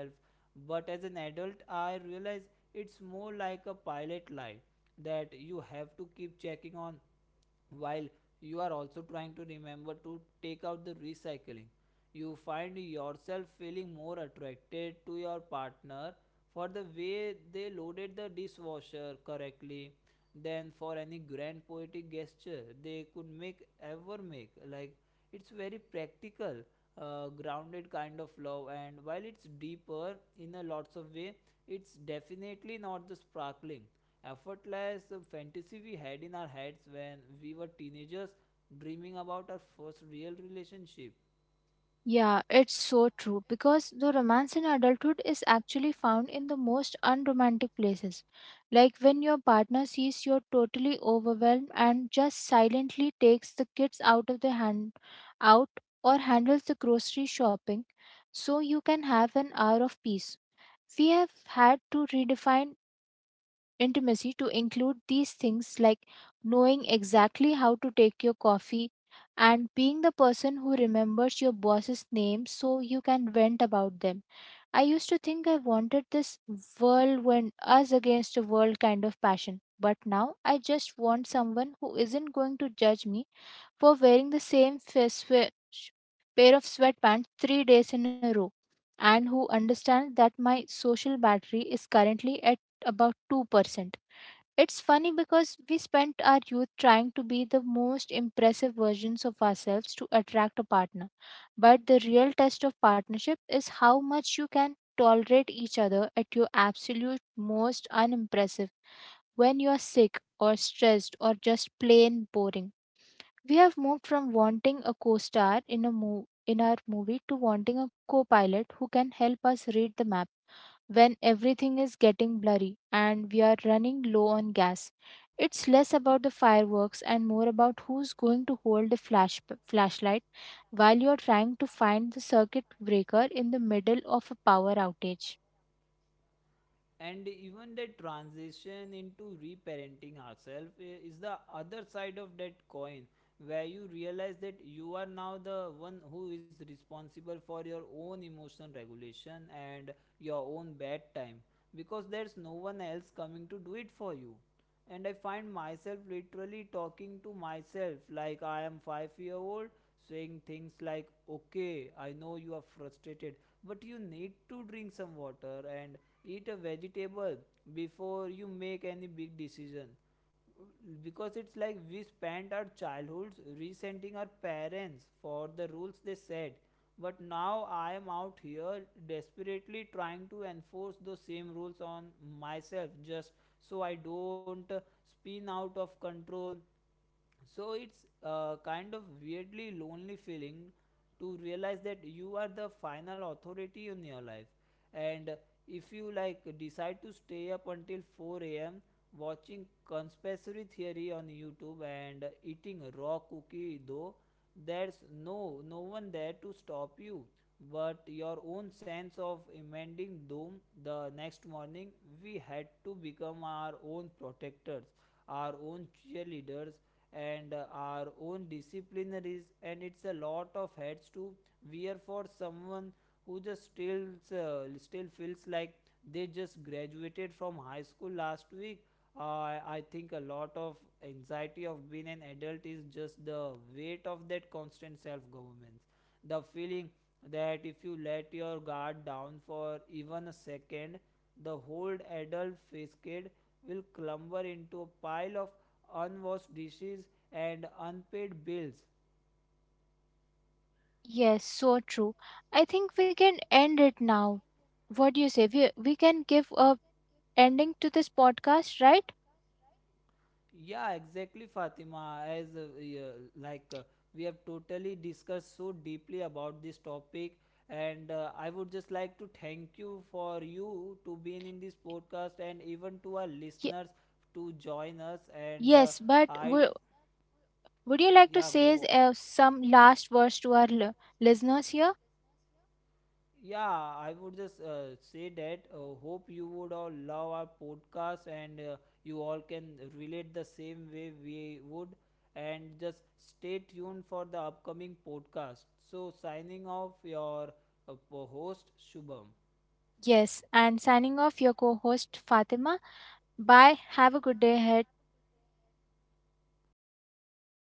[SPEAKER 1] But as an adult, I realize it's more like a pilot light that you have to keep checking on while you are also trying to remember to take out the recycling. You find yourself feeling more attracted to your partner for the way they loaded the dishwasher correctly than for any grand poetic gesture they could make ever make. Like, it's very practical, grounded kind of love, and while it's deeper in a lots of way, it's definitely not the sparkling effortless fantasy we had in our heads when we were teenagers dreaming about our first real relationship.
[SPEAKER 2] Yeah, it's so true, because the romance in adulthood is actually found in the most unromantic places. Like when your partner sees you're totally overwhelmed and just silently takes the kids out of the hand out or handles the grocery shopping so you can have an hour of peace. We have had to redefine intimacy to include these things, like knowing exactly how to take your coffee and being the person who remembers your boss's name so you can vent about them. I used to think I wanted this whirlwind, us against the world kind of passion. But now I just want someone who isn't going to judge me for wearing the same pair of sweatpants 3 days in a row, and who understands that my social battery is currently at about 2%. It's funny because we spent our youth trying to be the most impressive versions of ourselves to attract a partner. But the real test of partnership is how much you can tolerate each other at your absolute most unimpressive, when you're sick or stressed or just plain boring. We have moved from wanting a co-star in our movie to wanting a co-pilot who can help us read the map when everything is getting blurry and we are running low on gas. It's less about the fireworks and more about who's going to hold the flashlight while you're trying to find the circuit breaker in the middle of a power outage.
[SPEAKER 1] And even that transition into reparenting ourselves is the other side of that coin, where you realize that you are now the one who is responsible for your own emotional regulation and your own bad time, because there's no one else coming to do it for you. And I find myself literally talking to myself like I am 5-year old, saying things like, okay, I know you are frustrated, but you need to drink some water and eat a vegetable before you make any big decision. Because it's like we spent our childhoods resenting our parents for the rules they said, but now I am out here desperately trying to enforce those same rules on myself, just so I don't spin out of control. So it's a kind of weirdly lonely feeling to realize that you are the final authority in your life. And if you like decide to stay up until 4 a.m watching conspiracy theory on youtube and eating raw cookie though, there's no one there to stop you but your own sense of impending doom the next morning. We had to become our own protectors, our own cheerleaders, and our own disciplinaries. And it's a lot of hats to wear for someone who just still still feels like they just graduated from high school last week. I think a lot of anxiety of being an adult is just the weight of that constant self governance, the feeling that if you let your guard down for even a second, the whole adult facade will clumber into a pile of unwashed dishes and unpaid bills.
[SPEAKER 2] Yes, so true. I think we can end it now. What do you say? We can give a ending to this podcast, right?
[SPEAKER 1] Yeah, exactly, Fatima. As yeah, like uh, we have totally discussed so deeply about this topic, and I would just like to thank you for you to being in this podcast, and even to our
[SPEAKER 2] Ye-
[SPEAKER 1] listeners to join us. And
[SPEAKER 2] yes, but
[SPEAKER 1] I,
[SPEAKER 2] would you like to
[SPEAKER 1] yeah,
[SPEAKER 2] say
[SPEAKER 1] go.
[SPEAKER 2] some last words to our listeners here?
[SPEAKER 1] Yeah, I would just say that. Hope you would all love our podcast, and you all can relate the same way we would. And just stay tuned for the upcoming podcast. So, signing off, your host Shubham.
[SPEAKER 2] Yes, and signing off your co host Fatima. Bye. Have a good day ahead.